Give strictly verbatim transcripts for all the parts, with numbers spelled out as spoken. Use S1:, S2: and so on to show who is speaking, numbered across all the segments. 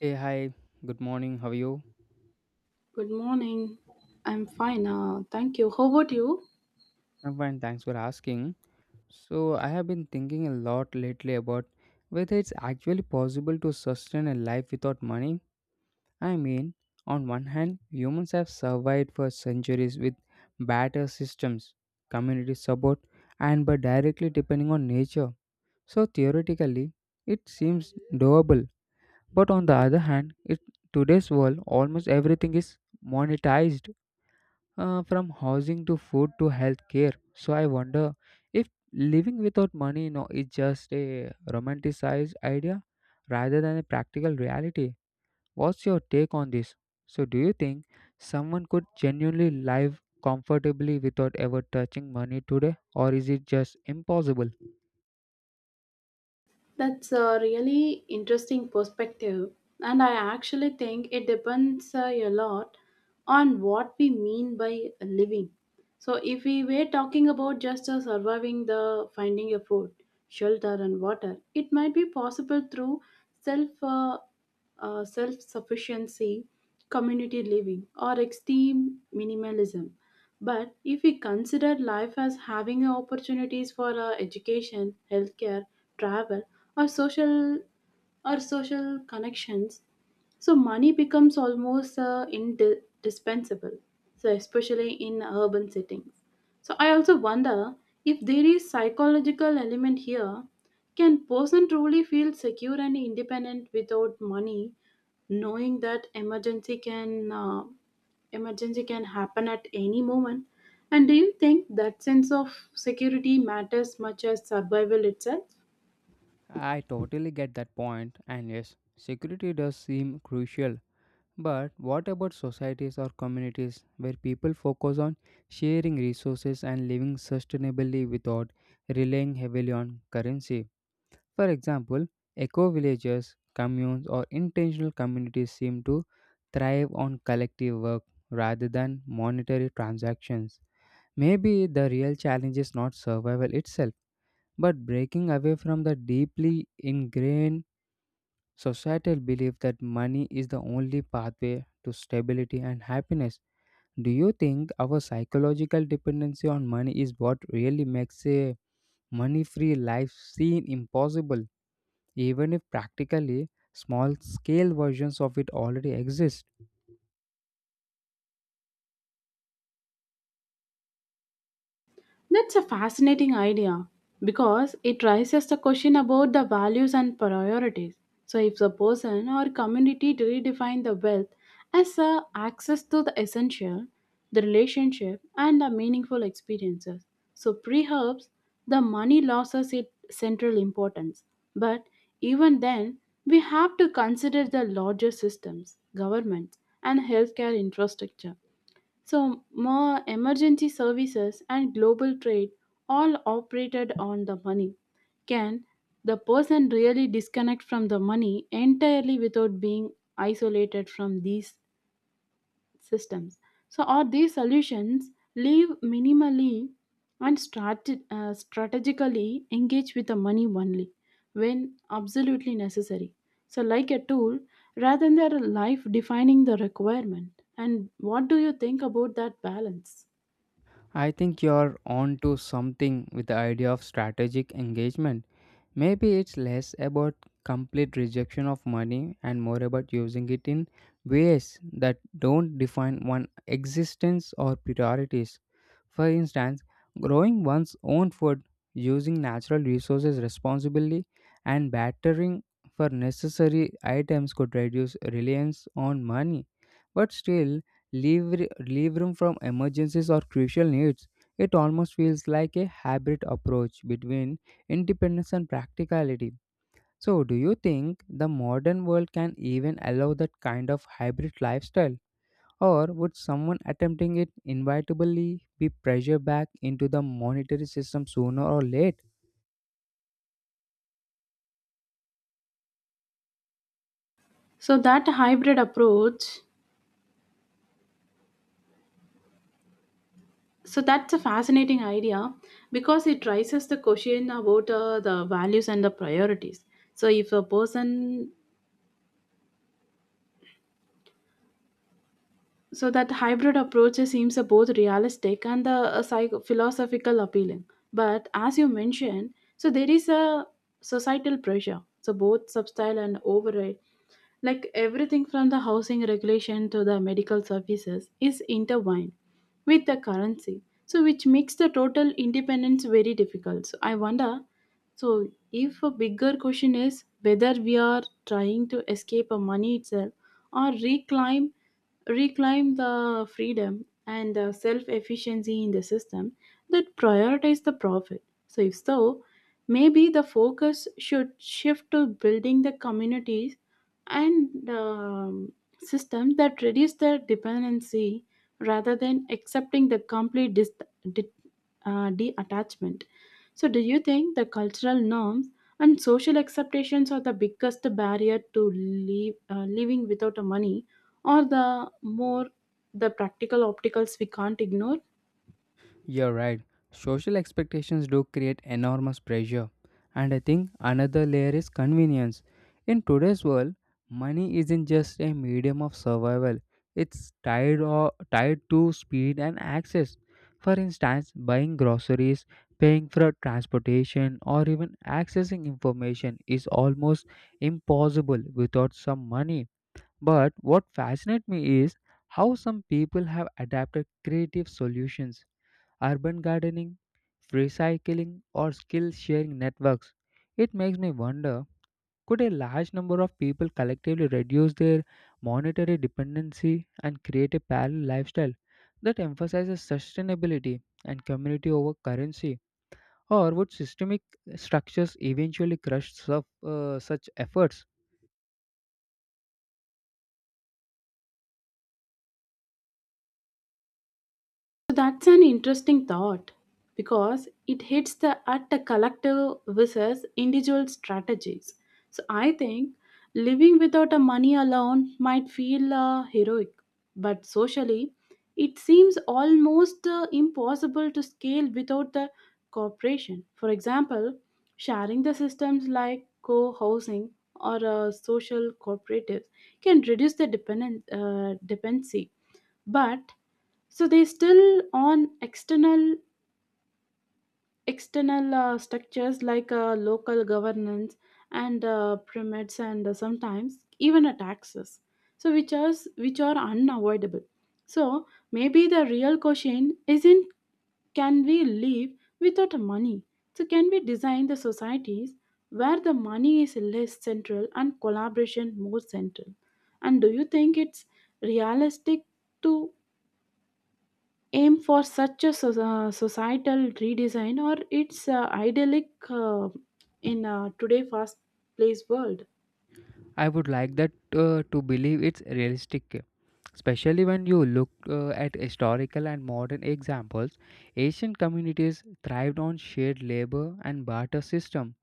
S1: Hey, hi, good morning. How are you?
S2: Good morning. I'm fine. Uh, thank you. How about you?
S1: I'm fine, thanks for asking. So, I have been thinking a lot lately about whether it's actually possible to sustain a life without money. I mean, on one hand, humans have survived for centuries with better systems, community support, and by directly depending on nature. So, theoretically, it seems doable. But on the other hand, it today's world almost everything is monetized uh, from housing to food to healthcare. So I wonder if living without money you know, is just a romanticized idea rather than a practical reality. What's your take on this? So do you think someone could genuinely live comfortably without ever touching money today, or is it just impossible?
S2: That's a really interesting perspective. And I actually think it depends uh, a lot on what we mean by living. So, if we were talking about just uh, surviving the finding a food, shelter, and water, it might be possible through self. Uh, uh, self sufficiency, community living, or extreme minimalism. But if we consider life as having opportunities for uh, education, healthcare, travel, or social or social connections, so money becomes almost uh, indispensable. So especially in urban settings. So I also wonder if there is psychological element here. Can person truly feel secure and independent without money, knowing that emergency can uh, emergency can happen at any moment? And do you think that sense of security matters much as survival itself?
S1: I totally get that point, and yes, security does seem crucial. But what about societies or communities where people focus on sharing resources and living sustainably without relying heavily on currency? For example, eco villages, communes, or intentional communities seem to thrive on collective work rather than monetary transactions. Maybe the real challenge is not survival itself, but breaking away from the deeply ingrained societal belief that money is the only pathway to stability and happiness. Do you think our psychological dependency on money is what really makes a money free life seem impossible, even if practically small scale versions of it already exist?
S2: That's a fascinating idea because it raises the question about the values and priorities. So, if the person or community redefine the wealth as a access to the essential, the relationship, and the meaningful experiences, so perhaps the money loses its central importance. But even then, we have to consider the larger systems, governments, and healthcare infrastructure so, more emergency services and global trade all operated on the money. Can the person really disconnect from the money entirely without being isolated from these systems. So, are these solutions leave minimally and strat- uh, strategically engage with the money only when absolutely necessary? So, like a tool rather than their life defining the requirement. And what do you think about that balance?
S1: I think you're on to something with the idea of strategic engagement. Maybe it's less about complete rejection of money and more about using it in ways that don't define one existence or priorities. For instance, growing one's own food, using natural resources responsibly, and bartering for necessary items could reduce reliance on money, but still leave, leave room from emergencies or crucial needs. It almost feels like a hybrid approach between independence and practicality. So, do you think the modern world can even allow that kind of hybrid lifestyle? Or would someone attempting it inevitably be pressured back into the monetary system sooner or later?
S2: So that hybrid approach, so that's a fascinating idea because it raises the question about uh, the values and the priorities. So if a person So that hybrid approach seems uh, both realistic and the uh, psycho- philosophical appealing. But as you mentioned, so there is a societal pressure. So both substyle and override, like everything from the housing regulation to the medical services, is intertwined with the currency. So which makes the total independence very difficult. So I wonder. So if a bigger question is whether we are trying to escape a money itself or reclaim reclaim the freedom and uh, self-efficiency in the system that prioritize the profit. So if so, maybe the focus should shift to building the communities and um, systems that reduce the dependency rather than accepting the complete dis- de- uh, detachment. So, do you think the cultural norms and social acceptations are the biggest barrier to leave, uh, living without a money, or the more the practical opticals we can't ignore?
S1: You're right. Social expectations do create enormous pressure. And I think another layer is convenience. In today's world, money isn't just a medium of survival, it's tied, or, tied to speed and access. For instance, buying groceries, paying for transportation, or even accessing information is almost impossible without some money. But what fascinates me is how some people have adapted creative solutions urban gardening, recycling, or skill sharing networks. It makes me wonder could a large number of people collectively reduce their monetary dependency and create a parallel lifestyle that emphasizes sustainability and community over currency? Or would systemic structures eventually crush such, uh, such efforts?
S2: So that's an interesting thought because it hits the at the collective versus individual strategies. So I think living without a money alone might feel uh, heroic, but socially, it seems almost uh, impossible to scale without the cooperation. For example, sharing the systems like co-housing or uh, social cooperatives can reduce the dependent uh, dependency, but so they still on external external uh, structures like uh, local governance and uh, permits and uh, sometimes even a taxes. So which are which are unavoidable. So maybe the real question isn't can we live without money? So can we design the societies where the money is less central and collaboration more central? And do you think it's realistic to aim for such a so- uh, societal redesign or it's uh, idyllic uh, in uh, today fast paced world?
S1: I would like that uh, to believe it's realistic, especially when you look uh, at historical and modern examples. Asian communities thrived on shared labor and barter system,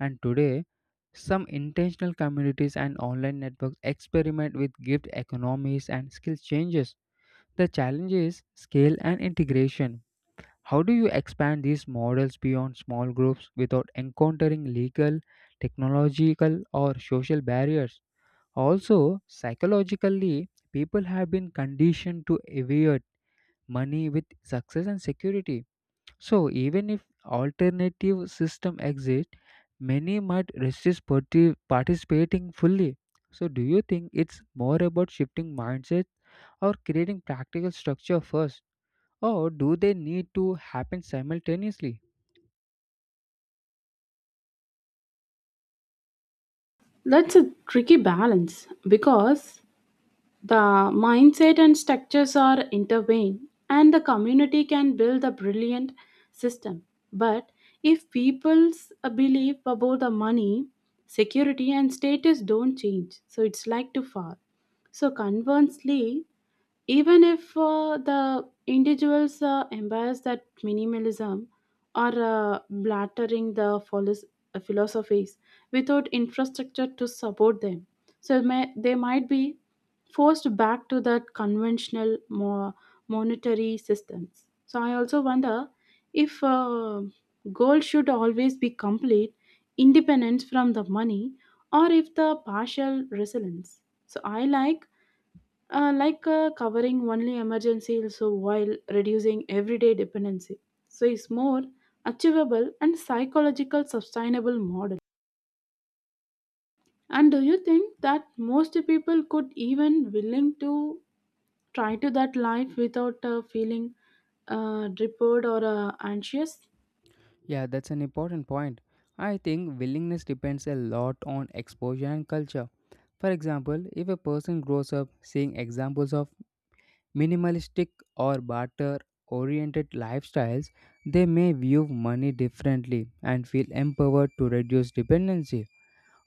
S1: and today, some intentional communities and online networks experiment with gift economies and skill changes. The challenge is scale and integration. How do you expand these models beyond small groups without encountering legal, technological, or social barriers? Also, psychologically, people have been conditioned to equate money with success and security. So, even if alternative system exist, many might resist parti- participating fully. So, do you think it's more about shifting mindset or creating practical structure first, or do they need to happen simultaneously?
S2: That's a tricky balance because the mindset and structures are intervened, and the community can build a brilliant system, but if people's uh, belief about the money security and status don't change, so it's like too far. So conversely, even if uh, the individuals uh, embrace that minimalism or uh, blattering the philos- uh, philosophies without infrastructure to support them, so may, they might be forced back to that conventional more monetary systems. So I also wonder if uh, goal should always be complete independence from the money or if the partial resilience, so I like uh, like uh, covering only emergency also while reducing everyday dependency. So it's more achievable and psychological sustainable model. And do you think that most people could even willing to try to that life without uh, feeling uh, deprived or uh, anxious?
S1: Yeah, that's an important point. I think willingness depends a lot on exposure and culture. For example, if a person grows up seeing examples of minimalistic or barter oriented lifestyles, they may view money differently and feel empowered to reduce dependency.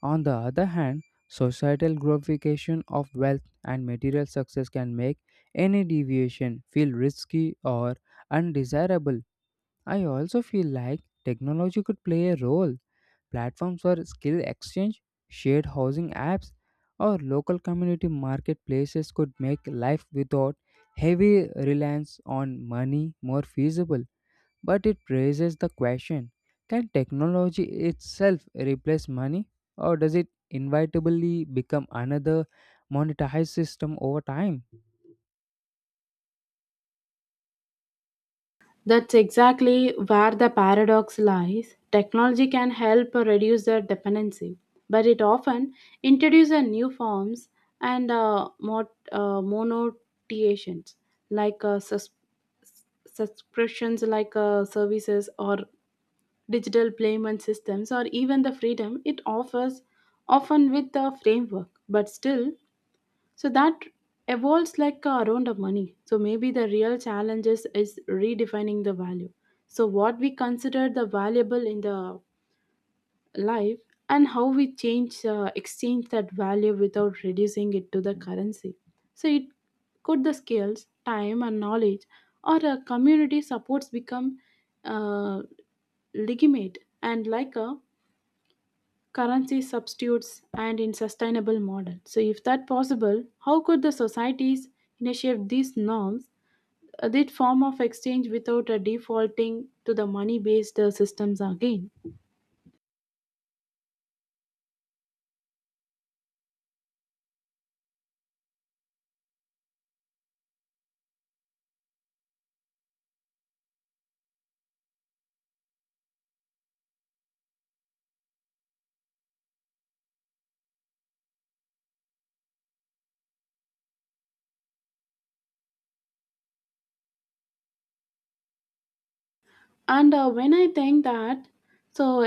S1: On the other hand, societal glorification of wealth and material success can make any deviation feel risky or undesirable. I also feel like technology could play a role. Platforms for skill exchange, shared housing apps, or local community marketplaces could make life without heavy reliance on money more feasible. But it raises the question, can technology itself replace money, or does it inevitably become another monetized system over time?
S2: That's exactly where the paradox lies. Technology can help reduce the dependency, but it often introduces new forms and uh, mot- uh, monotiations like uh, sus- subscriptions, like uh, services or digital payment systems, or even the freedom it offers, often with the framework. But still, so that evolves like uh, around the money. So maybe the real challenges is redefining the value. So what we consider the valuable in the life and how we change uh, exchange that value without reducing it to the currency. So it could the skills, time, and knowledge or a community supports become uh, legitimate and like a currency substitutes and in sustainable model. So if that possible, how could the societies initiate these norms, uh, that form of exchange without a defaulting to the money based systems again? And uh, When I think that, so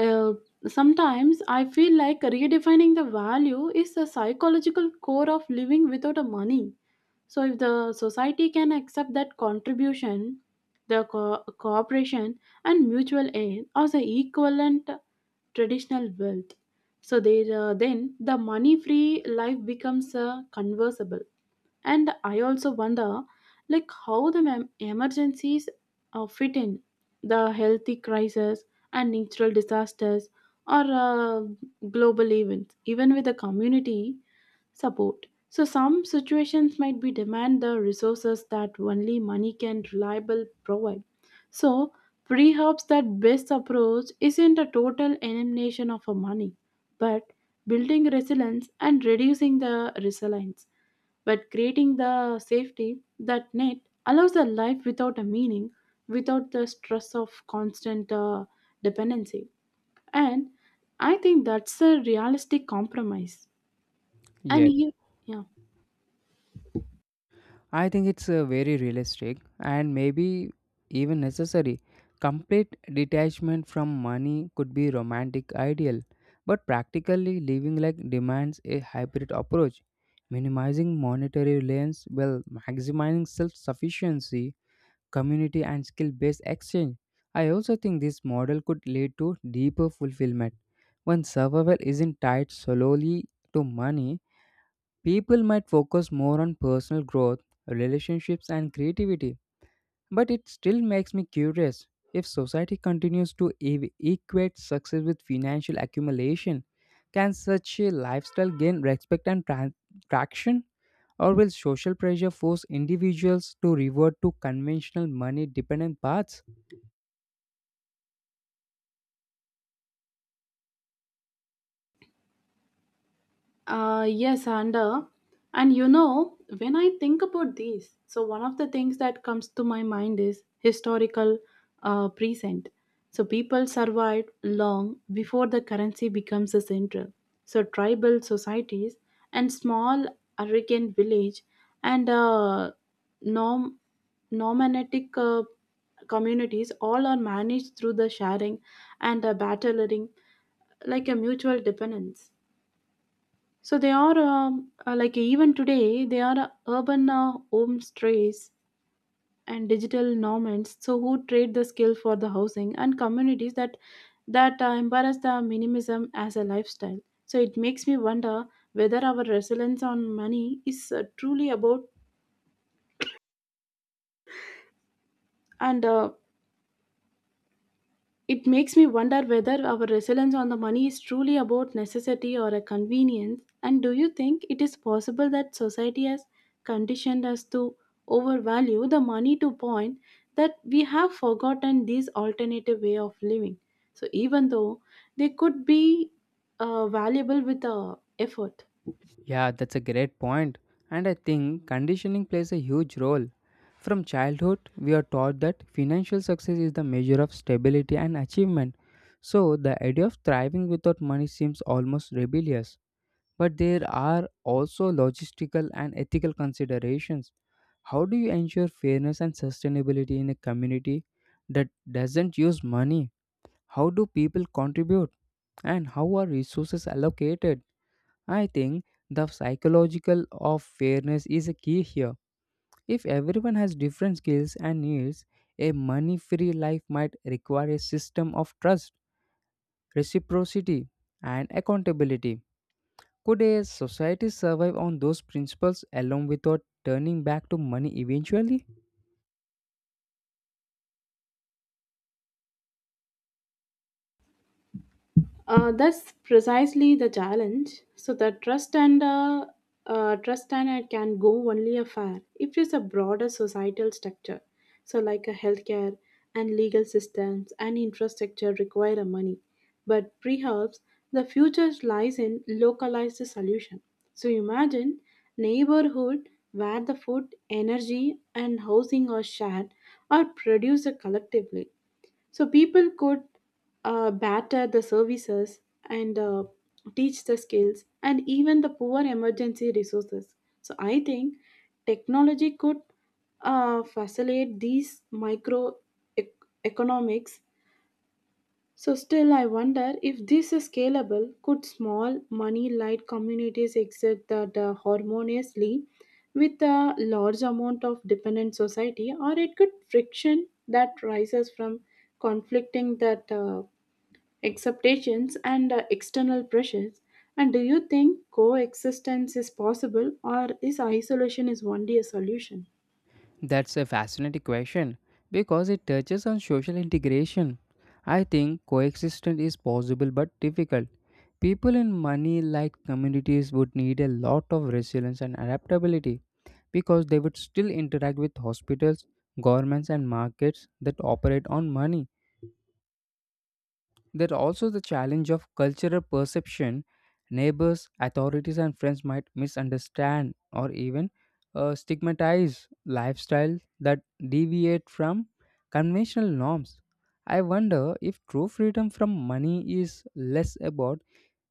S2: uh, sometimes I feel like redefining the value is the psychological core of living without a money. So if the society can accept that contribution, the co- cooperation and mutual aid as the equivalent traditional wealth, so there uh, then the money-free life becomes uh, conversable. And I also wonder, like, how the mem- emergencies uh, fit in the healthy crisis and natural disasters or uh, global events. Even with the community, support. So some situations might be demand the resources that only money can reliable provide. So perhaps that best approach isn't a total elimination of a money, but building resilience and reducing the resilience. But creating the safety that net allows a life without a meaning, without the stress of constant uh, dependency. And I think that's a realistic compromise. And
S1: Yes.
S2: you, yeah.
S1: I think it's uh, very realistic and maybe even necessary. Complete detachment from money could be romantic ideal, but practically living like demands a hybrid approach, minimizing monetary reliance while maximizing self-sufficiency, community and skill-based exchange. I also think this model could lead to deeper fulfillment when survival isn't tied solely to money. People might focus more on personal growth, relationships, and creativity, but it still makes me curious. If society continues to ev- equate success with financial accumulation, can such a lifestyle gain respect and tran- traction? Or will social pressure force individuals to revert to conventional money dependent paths?
S2: Uh, yes, and uh, and you know when I think about these, so one of the things that comes to my mind is historical uh, present. So people survived long before the currency becomes a central. So tribal societies and small African village and uh, nom nomadic uh, communities all are managed through the sharing and uh, battling like a mutual dependence. So they are um, uh, like even today they are uh, urban uh, home strays and digital nomads. So who trade the skill for the housing and communities that that uh, embrace the minimalism as a lifestyle. So it makes me wonder whether our resilience on money is uh, truly about and uh, it makes me wonder whether our resilience on the money is truly about necessity or a convenience. And do you think it is possible that society has conditioned us to overvalue the money to point that we have forgotten this alternative way of living? So even though they could be uh, valuable with uh, effort.
S1: Yeah, that's a great point. And I think conditioning plays a huge role. From childhood, we are taught that financial success is the measure of stability and achievement. So, the idea of thriving without money seems almost rebellious. But there are also logistical and ethical considerations. How do you ensure fairness and sustainability in a community that doesn't use money? How do people contribute? And how are resources allocated? I think the psychological of fairness is a key here. If everyone has different skills and needs, a money free life might require a system of trust, reciprocity, and accountability. Could a society survive on those principles alone without turning back to money eventually?
S2: Uh, that's precisely the challenge. So the trust and uh, uh, trust and it can go only a fair if it's a broader societal structure. So like a healthcare and legal systems and infrastructure require a money, but perhaps the future lies in localized solution. So imagine neighborhood where the food, energy, and housing are shared or produced collectively, so people could uh, batter the services and uh, teach the skills and even the poor emergency resources. So I think technology could uh, facilitate these micro ec- economics. So, still, I wonder if this is scalable. Could small, money light communities exist that uh, harmoniously with a large amount of dependent society, or it could friction that rises from conflicting that uh, expectations and uh, external pressures? And do you think coexistence is possible, or is isolation is only a solution?
S1: That's a fascinating question because it touches on social integration. I think coexistence is possible but difficult. People in money like communities would need a lot of resilience and adaptability because they would still interact with hospitals, governments, and markets that operate on money. There's also the challenge of cultural perception. Neighbors, authorities, and friends might misunderstand or even uh, stigmatize lifestyles that deviate from conventional norms. I wonder if true freedom from money is less about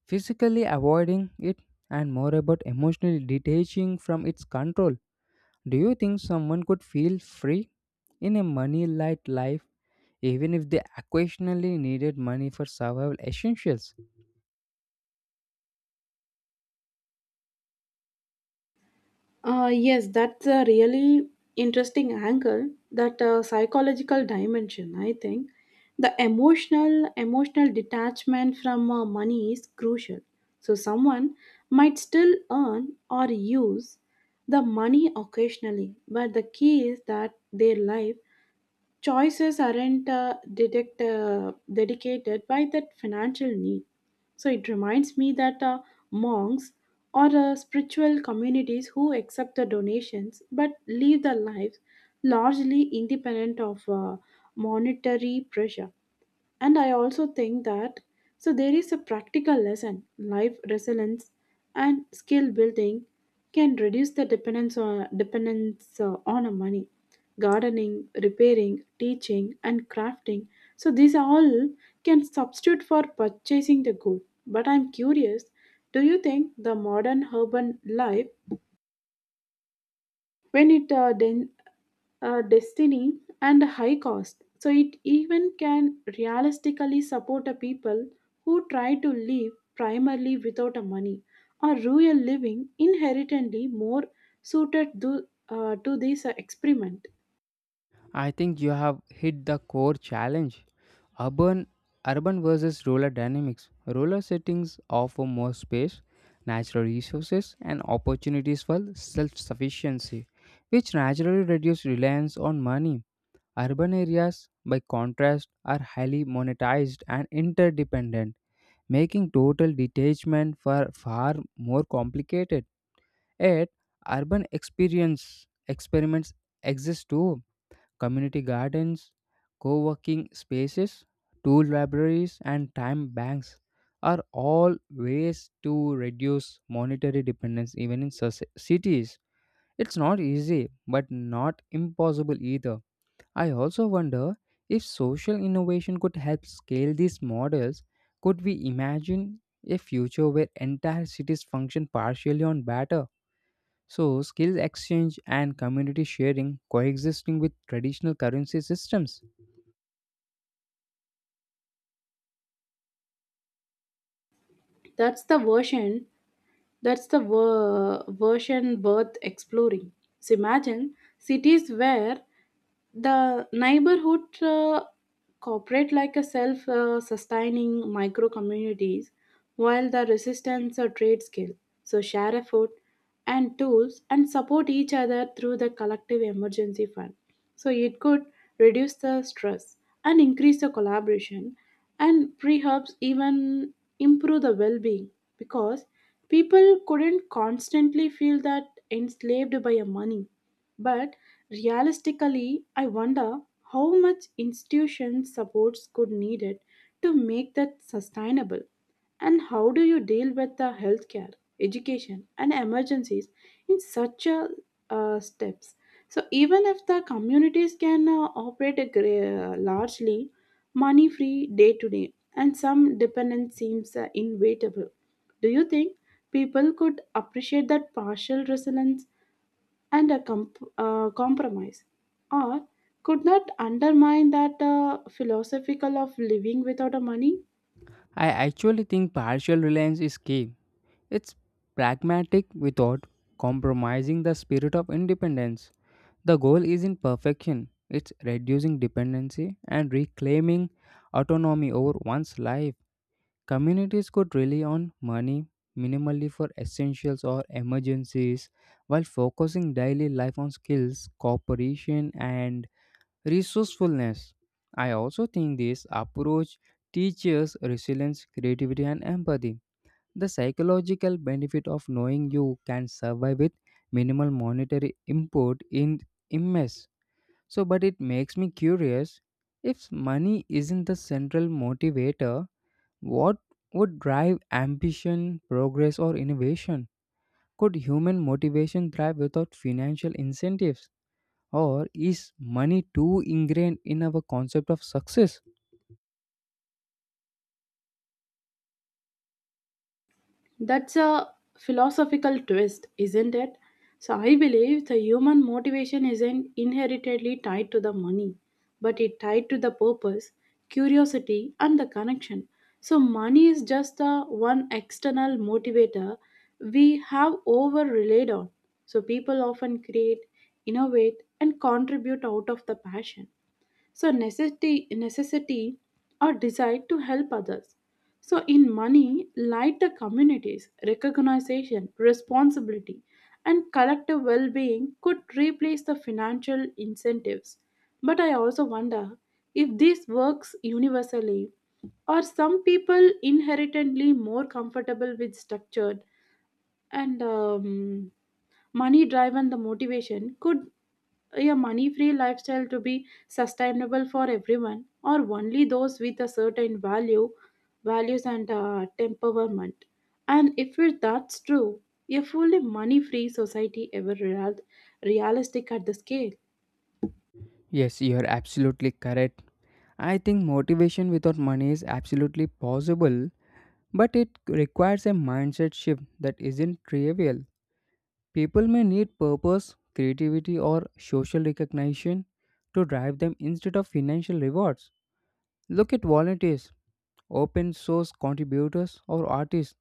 S1: physically avoiding it and more about emotionally detaching from its control. Do you think someone could feel free in a money light life even if they occasionally needed money for survival essentials?
S2: Uh, yes, that's a really interesting angle. That uh, psychological dimension, I think, the emotional emotional detachment from uh, money is crucial. So someone might still earn or use the money occasionally, but the key is that their life choices aren't uh, dedict, uh, dedicated by that financial need. So it reminds me that uh, monks or uh, spiritual communities who accept the donations but live their lives largely independent of uh, monetary pressure. And I also think that so there is a practical lesson life resilience and skill building can reduce the dependence on dependence uh, on a money, gardening, repairing, teaching, and crafting, so these all can substitute for purchasing the good. But I'm curious, do you think the modern urban life when it uh, den- uh, destiny and high cost, so it even can realistically support a people who try to live primarily without a money, or rural living inherently more suited to, uh, to this uh, experiment?
S1: I think you have hit the core challenge. Urban urban versus rural dynamics. Rural settings offer more space, natural resources and opportunities for self-sufficiency, which naturally reduce reliance on money. Urban areas, by contrast, are highly monetized and interdependent, making total detachment far, far more complicated. Yet, urban experience experiments exist too. Community gardens, co working spaces, tool libraries, and time banks are all ways to reduce monetary dependence even in soci- cities. It's not easy, but not impossible either. I also wonder if social innovation could help scale these models. Could we imagine a future where entire cities function partially on data? So, skills exchange and community sharing coexisting with traditional currency systems.
S2: That's the version. That's the ver- version worth exploring. So imagine cities where the neighborhood uh, cooperate like a self uh, sustaining micro communities while the resistance or trade skill. So share a food and tools and support each other through the collective emergency fund. So it could reduce the stress and increase the collaboration and perhaps even improve the well being because people couldn't constantly feel that enslaved by a money. But realistically, I wonder how much institution supports could need it to make that sustainable. And how do you deal with the healthcare, education, and emergencies in such a, uh, steps? So even if the communities can uh, operate a gra- largely money-free day-to-day and some dependence seems uh, inevitable. Do you think people could appreciate that partial resilience and a comp- uh, compromise, or could not undermine that uh, philosophical of living without a money?
S1: I actually think partial reliance is key. It's pragmatic without compromising the spirit of independence. The goal isn't perfection, it's reducing dependency and reclaiming autonomy over one's life. Communities could rely on money minimally for essentials or emergencies while focusing daily life on skills, cooperation, and resourcefulness. I also think this approach teaches resilience, creativity, and empathy. The psychological benefit of knowing you can survive with minimal monetary input in immense. So, but it makes me curious, if money isn't the central motivator, what would drive ambition, progress, or innovation? Could human motivation thrive without financial incentives? Or is money too ingrained in our concept of success?
S2: That's a philosophical twist, isn't it? So I believe the human motivation isn't inheritedly tied to the money, but it tied to the purpose, curiosity, and the connection. So money is just a one external motivator we have over relied on. So people often create, innovate, and contribute out of the passion so necessity necessity or desire to help others so in money lie the communities recognition responsibility and collective well-being could replace the financial incentives. But I also wonder if this works universally or some people inherently more comfortable with structured and um, money driven the motivation could a money free lifestyle to be sustainable for everyone or only those with a certain value values and uh, temperament and if it, that's true a fully money free society ever real, realistic at the scale.
S1: Yes, you are absolutely correct. I think motivation without money is absolutely possible, but it requires a mindset shift that isn't trivial. People may need purpose, creativity, or social recognition to drive them instead of financial rewards. Look at volunteers, open source contributors, or artists.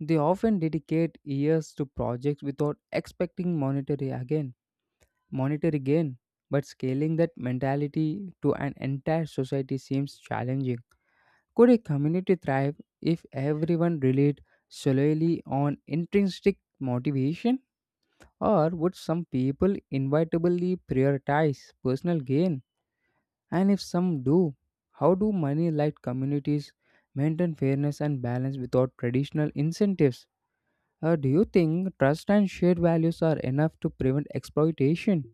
S1: They often dedicate years to projects without expecting monetary again. Monitor gain, but scaling that mentality to an entire society seems challenging. Could a community thrive if everyone relied solely on intrinsic motivation? Or would some people inevitably prioritize personal gain? And if some do, how do money light communities maintain fairness and balance without traditional incentives? Uh, do you think trust and shared values are enough to prevent exploitation?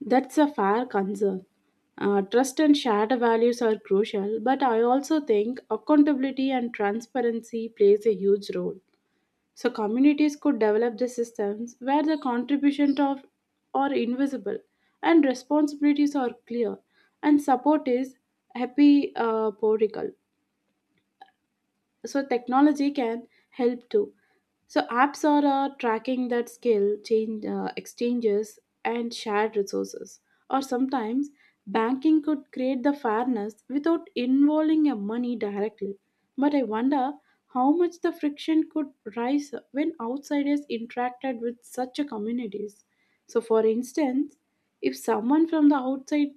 S2: That's a fair concern. Uh, trust and shared values are crucial but I also think accountability and transparency plays a huge role. So communities could develop the systems where the contribution of are invisible and responsibilities are clear and support is happy uh, prodigal. So technology can help too. So apps are uh, tracking that skill change uh, exchanges and shared resources or sometimes banking could create the fairness without involving your money directly. But I wonder how much the friction could rise when outsiders interacted with such a communities. So for instance, if someone from the outside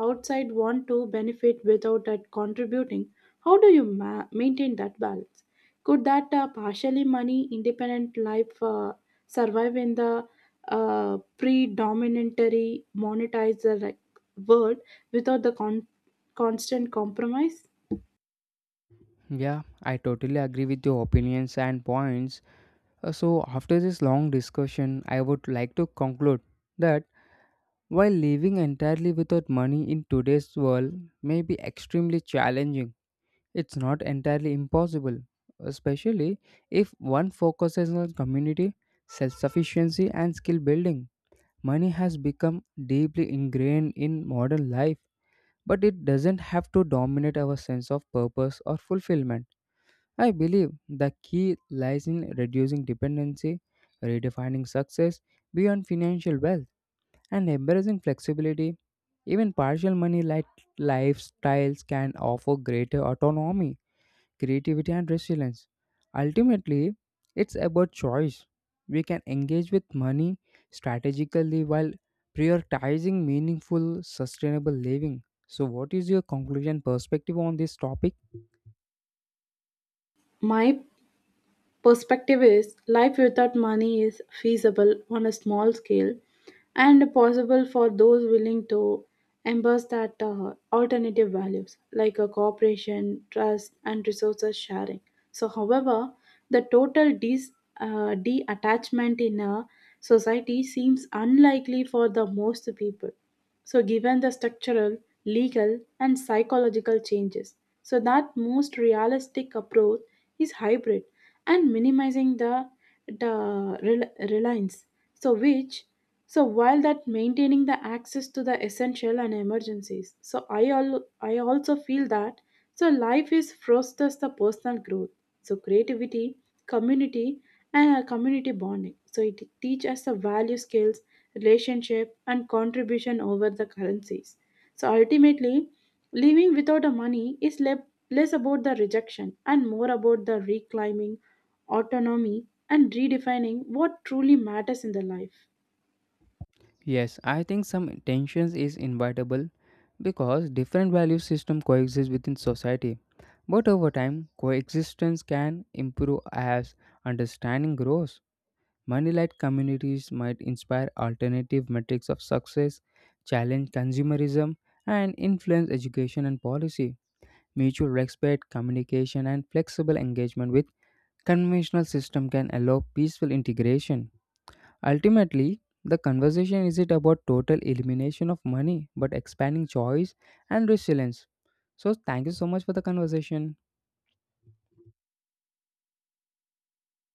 S2: outside want to benefit without that contributing, how do you ma- maintain that balance? Could that uh, partially money independent life uh, survive in the uh, predominantly monetizer like world without the con- constant compromise?
S1: Yeah, I totally agree with your opinions and points. Uh, So, after this long discussion, I would like to conclude that while living entirely without money in today's world may be extremely challenging, it's not entirely impossible, especially if one focuses on community, self sufficiency, and skill building. Money has become deeply ingrained in modern life, but it doesn't have to dominate our sense of purpose or fulfillment. I believe the key lies in reducing dependency, redefining success beyond financial wealth, and embracing flexibility. Even partial money light lifestyles can offer greater autonomy, creativity, and resilience. Ultimately, it's about choice. We can engage with money strategically while prioritizing meaningful, sustainable living. So, what is your conclusion perspective on this topic?
S2: My perspective is life without money is feasible on a small scale and possible for those willing to embrace that uh, alternative values like a cooperation, trust, and resources sharing. So, however, the total dis, uh, de-attachment in a society seems unlikely for the most people so given the structural legal and psychological changes so that most realistic approach is hybrid and minimizing the the rel- reliance so which so while that maintaining the access to the essential and emergencies so i al- I also feel that so life is fosters the personal growth so creativity community and a community bonding. So it teaches us the value skills, relationship, and contribution over the currencies. So ultimately, living without a money is le- less about the rejection and more about the reclaiming autonomy and redefining what truly matters in the life.
S1: Yes, I think some tensions is inevitable because different value system coexist within society. But over time, coexistence can improve as understanding grows. Money-led communities might inspire alternative metrics of success, challenge consumerism, and influence education and policy. Mutual respect, communication, and flexible engagement with conventional system can allow peaceful integration. Ultimately, the conversation isn't about total elimination of money, but expanding choice and resilience. So, thank you so much for the conversation.